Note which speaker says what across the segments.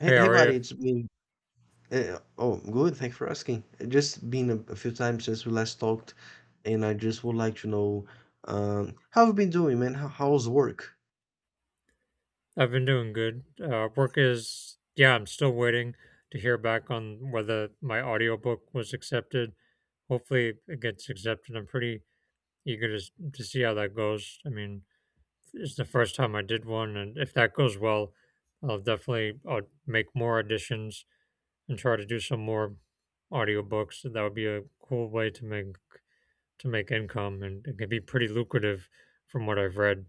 Speaker 1: Hey,
Speaker 2: Hey, how
Speaker 1: hey
Speaker 2: are you?
Speaker 1: buddy, it's been oh good. Thanks for asking. Just been a few times since we last talked, and I just would like to know how have you been doing, man? How's work?
Speaker 2: I've been doing good. Work is, yeah, I'm still waiting to hear back on whether my audiobook was accepted. Hopefully, it gets accepted. I'm pretty eager to see how that goes. I mean, it's the first time I did one, and if that goes well, I'll definitely I'll make more auditions and try to do some more audiobooks. That would be a cool way to make income, and it can be pretty lucrative from what I've read.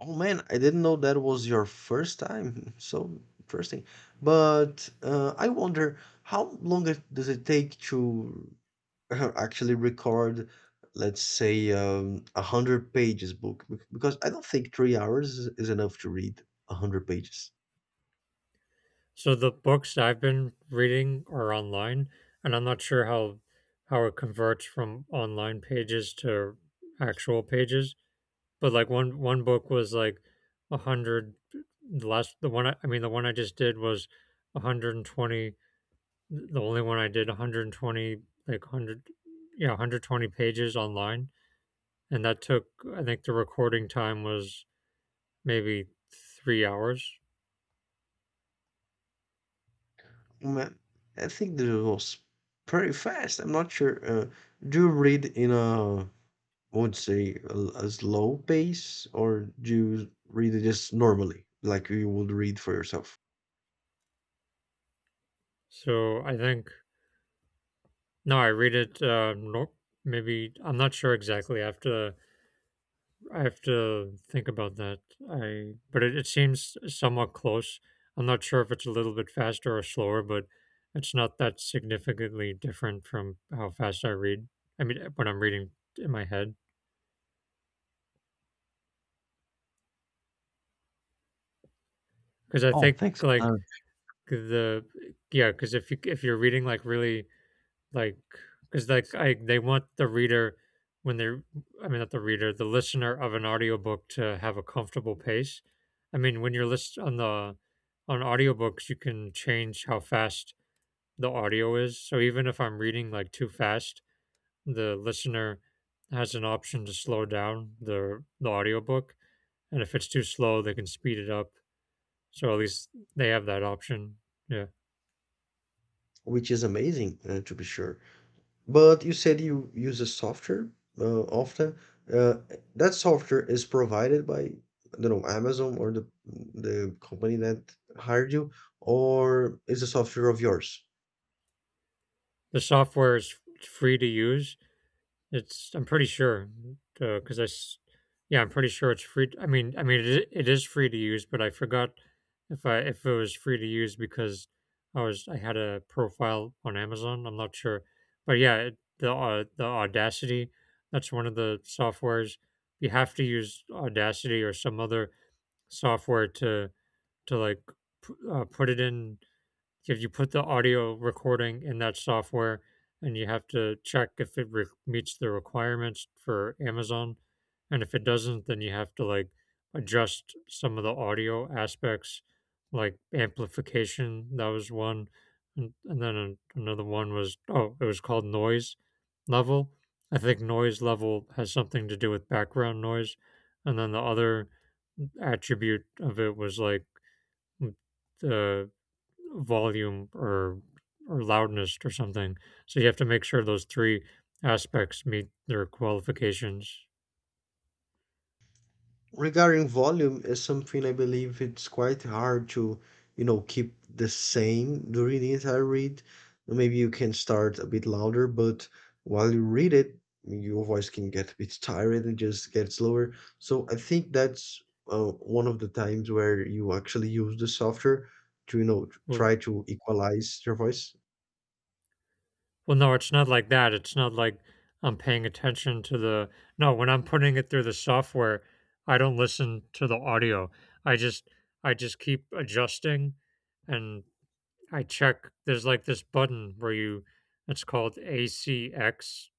Speaker 1: Oh man, I didn't know that was your first time. So interesting. But I wonder how long does it take to actually record, let's say, a hundred pages book? Because I don't think 3 hours is enough to read a hundred pages.
Speaker 2: So the books I've been reading are online, and I'm not sure how it converts from online pages to actual pages. But like one book was like 100. The last the one I mean, the one I just did was 120. The only one I did, 120, like 100, yeah, 120 pages online, and that took, I think the recording time was maybe 3 hours.
Speaker 1: Man, I think this was pretty fast. I'm not sure. Do you read in I would say, a slow pace, or do you read it just normally, like you would read for yourself?
Speaker 2: So I think, no, I read it. No, maybe, I'm not sure exactly. I have to. I have to think about that. I but it seems somewhat close. I'm not sure if it's a little bit faster or slower, but it's not that significantly different from how fast I read. I mean, when I'm reading in my head, because I
Speaker 1: Oh,
Speaker 2: think
Speaker 1: thanks.
Speaker 2: like the yeah, because if you're reading like really, like, because like I they want the reader when they're, I mean, not the reader, the listener of an audiobook to have a comfortable pace. I mean, when you're list on the on audiobooks, you can change how fast the audio is. So even if I'm reading like too fast, the listener has an option to slow down the audiobook, and if it's too slow they can speed it up. So at least they have that option. Yeah.
Speaker 1: Which is amazing, to be sure. But you said you use a software often. Uh, that software is provided by, I don't know, Amazon or the company that hired you, or is the software of yours?
Speaker 2: The software is free to use. It's, I'm pretty sure, because yeah, I'm pretty sure it's free. I mean, it is free to use, but I forgot if it was free to use because I had a profile on Amazon. I'm not sure, but yeah, the Audacity, that's one of the softwares. You have to use Audacity or some other software to like put it in. If you put the audio recording in that software, and you have to check if it meets the requirements for Amazon. And if it doesn't, then you have to like adjust some of the audio aspects, like amplification. That was one. And then another one was, oh, it was called noise level. I think noise level has something to do with background noise. And then the other attribute of it was like the volume or loudness or something. So you have to make sure those three aspects meet their qualifications.
Speaker 1: Regarding volume is something I believe it's quite hard to, you know, keep the same during the entire read. Maybe you can start a bit louder, but while you read it, your voice can get a bit tired and just gets lower. So I think that's one of the times where you actually use the software to, you know,
Speaker 2: Well,
Speaker 1: try to equalize your voice.
Speaker 2: well, no, it's not like that. It's not like I'm paying attention to the, no. When I'm putting it through the software, I don't listen to the audio. I just I just keep adjusting, and I check. There's like this button where you, it's called ACX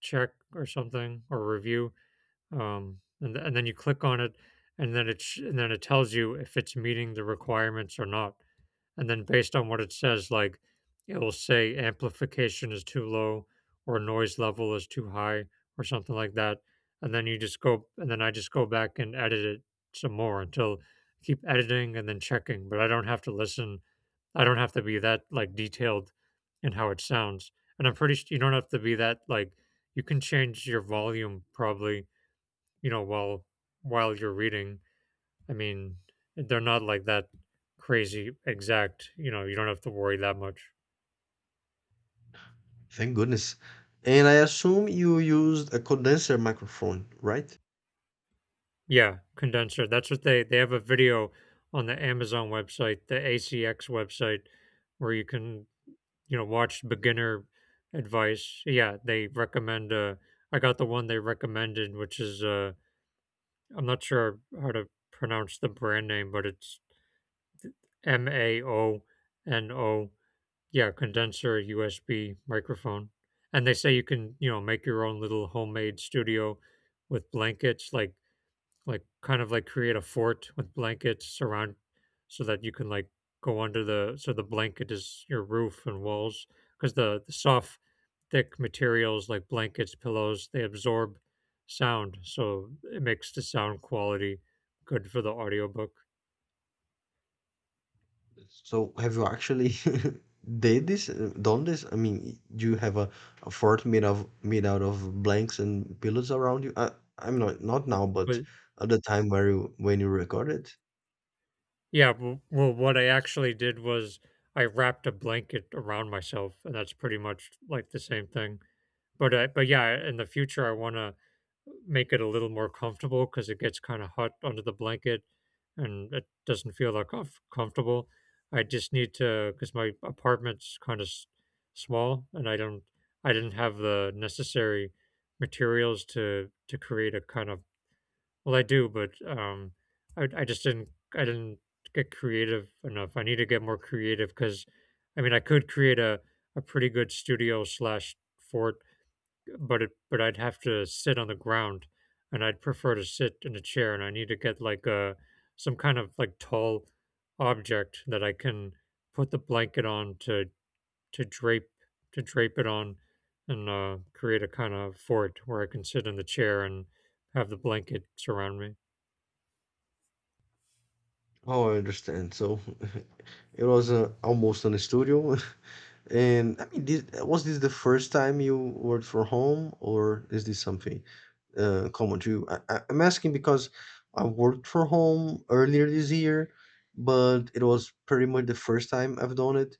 Speaker 2: check or something, or review, and and then you click on it, and then and then it tells you if it's meeting the requirements or not. And then based on what it says, like it will say amplification is too low or noise level is too high or something like that. And then you just go, and then I just go back and edit it some more until, keep editing and then checking. But I don't have to listen. I don't have to be that like detailed in how it sounds. And I'm pretty sure you don't have to be that like, you can change your volume probably, you know, while you're reading. I mean, they're not like that crazy exact, you know. You don't have to worry that much.
Speaker 1: Thank goodness. And I assume you used a condenser microphone, right?
Speaker 2: Yeah, condenser, that's what they have a video on the Amazon website, the ACX website, where you can, you know, watch beginner advice. Yeah, they recommend, I got the one they recommended, which is, I'm not sure how to pronounce the brand name, but it's Maono. Yeah, condenser USB microphone. And they say you can, you know, make your own little homemade studio with blankets, like kind of like create a fort with blankets around so that you can like go under the, so the blanket is your roof and walls, because the soft thick materials like blankets, pillows, they absorb sound, so it makes the sound quality good for the audiobook.
Speaker 1: So have you actually did this, done this? I mean, do you have a fort made of made out of blanks and pillows around you? I, I'm not not now, but
Speaker 2: But
Speaker 1: at the time where you when you recorded.
Speaker 2: yeah, w well, what I actually did was I wrapped a blanket around myself, and that's pretty much like the same thing. But yeah, in the future, I wanna make it a little more comfortable because it gets kinda hot under the blanket, and it doesn't feel that comfortable. I just need to, because my apartment's kinda s small, and I didn't have the necessary materials to create a kind of, well, I do, but I just didn't, I didn't get creative enough. I need to get more creative because, I mean, I could create a pretty good studio slash fort, but it but I'd have to sit on the ground, and I'd prefer to sit in a chair. And I need to get like a some kind of like tall object that I can put the blanket on to to drape to drape it on, and create a kind of fort where I can sit in the chair and have the blanket surround me.
Speaker 1: Oh, I understand. So it was almost in a studio. And I mean, this, was this the first time you worked from home, or is this something common to you? I'm asking because I worked from home earlier this year, but it was pretty much the first time I've done it,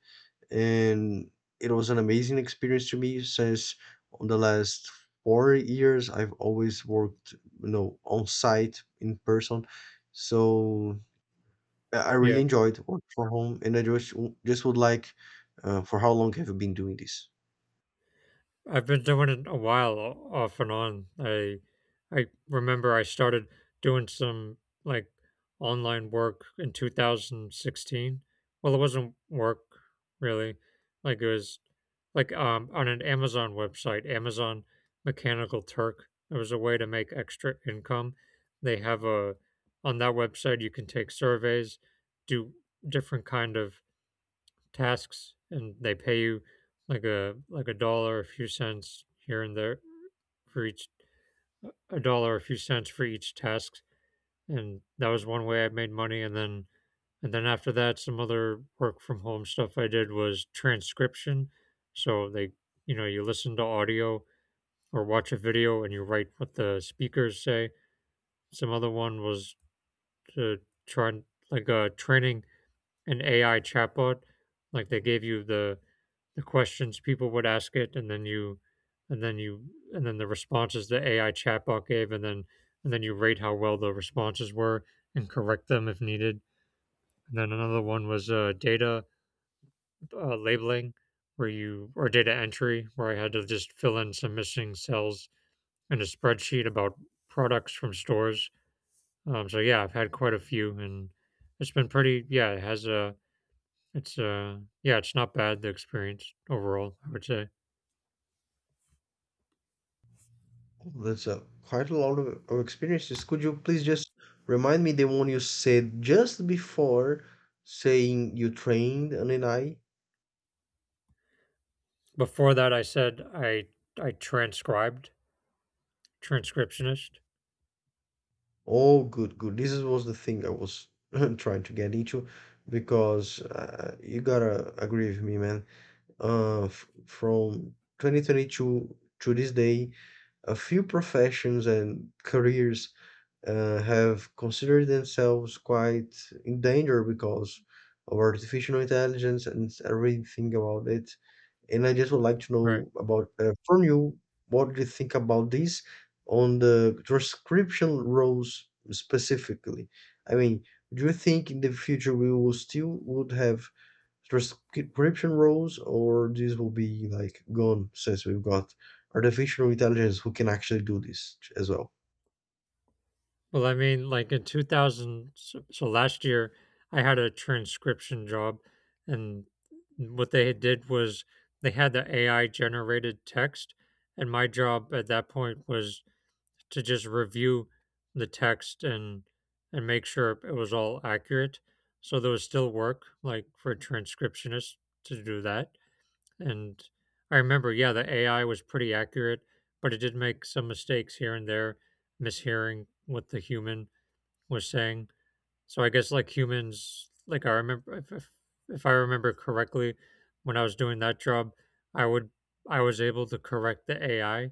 Speaker 1: and it was an amazing experience to me since on the last 4 years I've always worked, you know, on site in person. So I
Speaker 2: Yeah,
Speaker 1: really enjoyed work from home, and I just just would like, for how long have you been doing this?
Speaker 2: I've been doing it a while off and on. I remember I started doing some like online work in 2016. Well, it wasn't work really. Like it was like on an Amazon website, Amazon Mechanical Turk. It was a way to make extra income. They have a on that website you can take surveys, do different kind of tasks, and they pay you like a dollar a few cents here and there for each, a dollar a few cents for each task. And that was one way I made money. And then, and then after that, some other work from home stuff I did was transcription. So they, you know, you listen to audio or watch a video and you write what the speakers say. Some other one was to try, like, training an AI chatbot. Like, they gave you the questions people would ask it, and then you, and then you, and then the responses the AI chatbot gave, and then you rate how well the responses were and correct them if needed. And then another one was data labeling, where you, or data entry, where I had to just fill in some missing cells in a spreadsheet about products from stores. So yeah, I've had quite a few, and it's been pretty. Yeah, it has a. It's yeah, it's not bad, the experience overall, I would say.
Speaker 1: Oh, that's a quite a lot of experiences. Could you please just remind me the one you said just before saying you trained an NI?
Speaker 2: Before that, I said I transcribed, transcriptionist,
Speaker 1: Oh, good, good. This was the thing I was trying to get into because you gotta agree with me, man. F from 2022 to this day, a few professions and careers have considered themselves quite in danger because of artificial intelligence and everything about it. And I just would like to
Speaker 2: right?
Speaker 1: know about from you what do you think about this on the transcription roles specifically? I mean, do you think in the future we will still would have transcription roles, or this will be like gone since we've got artificial intelligence who can actually do this as well?
Speaker 2: Well, I mean, like in 2000, so, so last year, I had a transcription job, and what they did was they had the AI generated text, and my job at that point was to just review the text and make sure it was all accurate. So there was still work like for a transcriptionist to do that. And I remember, yeah, the AI was pretty accurate, but it did make some mistakes here and there, mishearing what the human was saying. So I guess like humans, like I remember, if I remember correctly, when I was doing that job, I would I was able to correct the AI,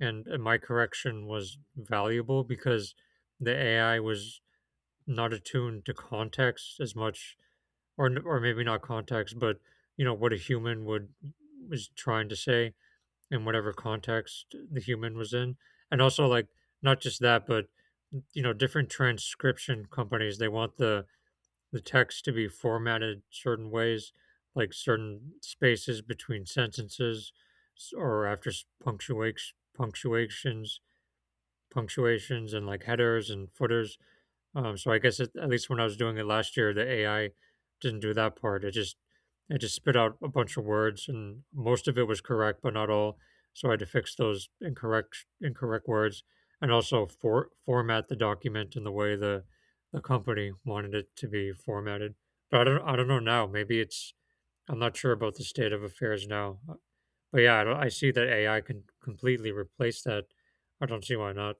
Speaker 2: and my correction was valuable because the AI was not attuned to context as much, or or maybe not context, but you know what a human would was trying to say in whatever context the human was in. And also like, not just that, but you know, different transcription companies, they want the text to be formatted certain ways, like certain spaces between sentences, or after punctuation, punctuations, punctuations, and like headers and footers. So I guess at least when I was doing it last year, the AI didn't do that part. It just spit out a bunch of words, and most of it was correct, but not all. So I had to fix those incorrect incorrect words, and also for, format the document in the way the company wanted it to be formatted. But I don't know now. Maybe it's, I'm not sure about the state of affairs now. But yeah, I, don't, I see that AI can completely replace that. I don't see why not.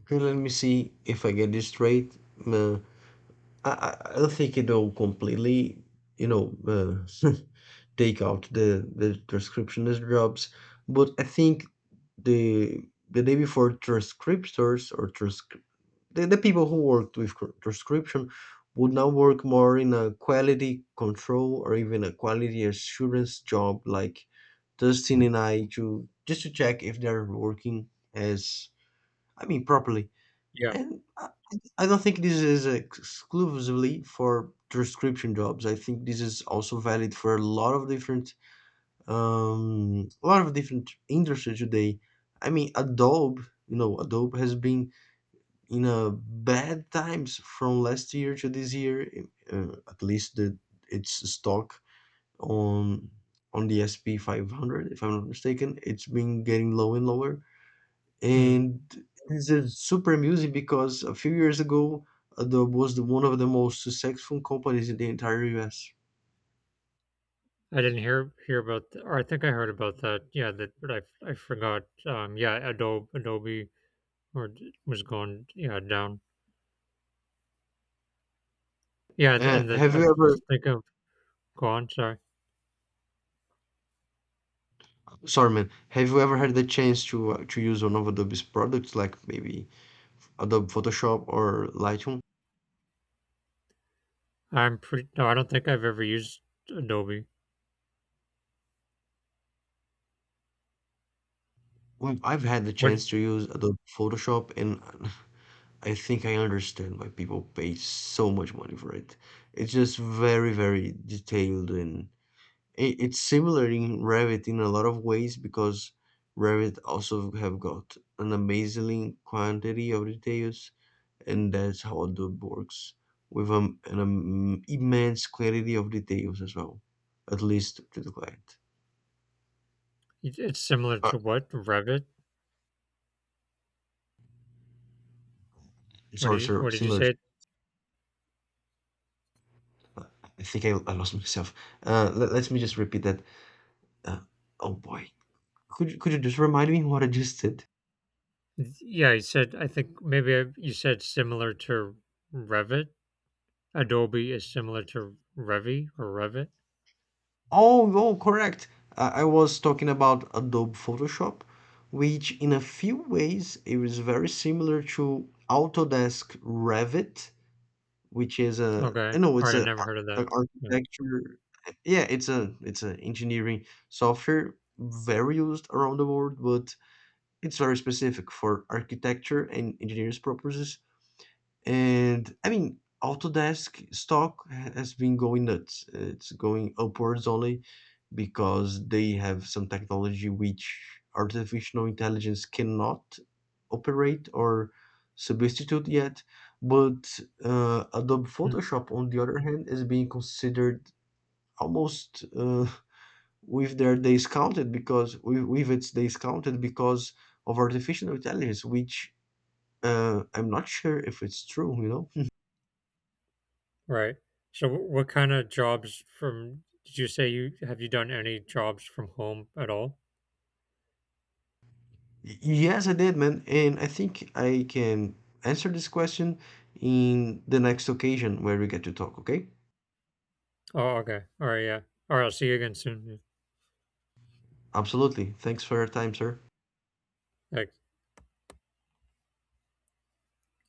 Speaker 1: Okay, let me see if I get this straight. Uh, I don't think it will completely, you know, take out the transcriptionist jobs, but I think the the day before transcriptors or the people who worked with transcription would now work more in a quality control or even a quality assurance job like Dustin and I to just to check if they're working as I mean properly
Speaker 2: Yeah.
Speaker 1: and I don't think this is exclusively for transcription jobs. I think this is also valid for a lot of different, a lot of different industries today. I mean, Adobe, you know, Adobe has been in a bad times from last year to this year. At least the its stock on on the S&P 500, if I'm not mistaken, it's been getting lower and lower and it's a super music because a few years ago Adobe was one of the most successful companies in the entire US.
Speaker 2: I didn't hear hear about, or I think I heard about that. Yeah, that, but I forgot. Yeah, Adobe, Adobe or was going, yeah, down. Yeah, and that
Speaker 1: Have you
Speaker 2: I've
Speaker 1: ever,
Speaker 2: think of, go on. Sorry,
Speaker 1: sorry man, have you ever had the chance to use one of Adobe's products like maybe Adobe Photoshop or Lightroom?
Speaker 2: I'm pretty. No, I don't think I've ever used Adobe.
Speaker 1: Well, I've had the
Speaker 2: What it-
Speaker 1: chance to use Adobe Photoshop and I think I understand why people pay so much money for it. It's just very, very detailed and it's similar in Revit in a lot of ways because Revit also have got an amazing quantity of details, and that's how Adobe works with an immense quantity of details as well, at least to the client.
Speaker 2: it's similar
Speaker 1: Uh,
Speaker 2: to what, Revit?
Speaker 1: sorry, sir.
Speaker 2: What did you
Speaker 1: Similar. To,
Speaker 2: say?
Speaker 1: uh, I lost myself. Let me just repeat that. Uh, oh boy, could you just remind me what I just said?
Speaker 2: Yeah, you said, I think maybe I, you said similar to Revit. Adobe is similar to Revy or Revit.
Speaker 1: Oh, oh, correct. I was talking about Adobe Photoshop, which in a few ways it was very similar to Autodesk Revit, which is a
Speaker 2: Okay,
Speaker 1: I know
Speaker 2: all right.
Speaker 1: it's
Speaker 2: I never heard of that.
Speaker 1: a
Speaker 2: Yeah.
Speaker 1: architecture. Yeah, it's a engineering software very used around the world, but it's very specific for architecture and engineers purposes. And I mean, Autodesk stock has been going nuts. It's going upwards only because they have some technology which artificial intelligence cannot operate or substitute yet. But Adobe
Speaker 2: Hmm.
Speaker 1: Photoshop, on the other hand, is being considered almost with their days counted because with its days counted because of artificial intelligence, which I'm not sure if it's true, you know.
Speaker 2: Right. So what kind of jobs from, did you say, you have, you done any jobs from home at all?
Speaker 1: Yes, I did, man. And I think I can answer this question in the next occasion where we get to talk, okay?
Speaker 2: Oh, okay. All right, yeah. All right, I'll see you again soon. Yeah.
Speaker 1: Absolutely. Thanks for your time, sir.
Speaker 2: Thanks.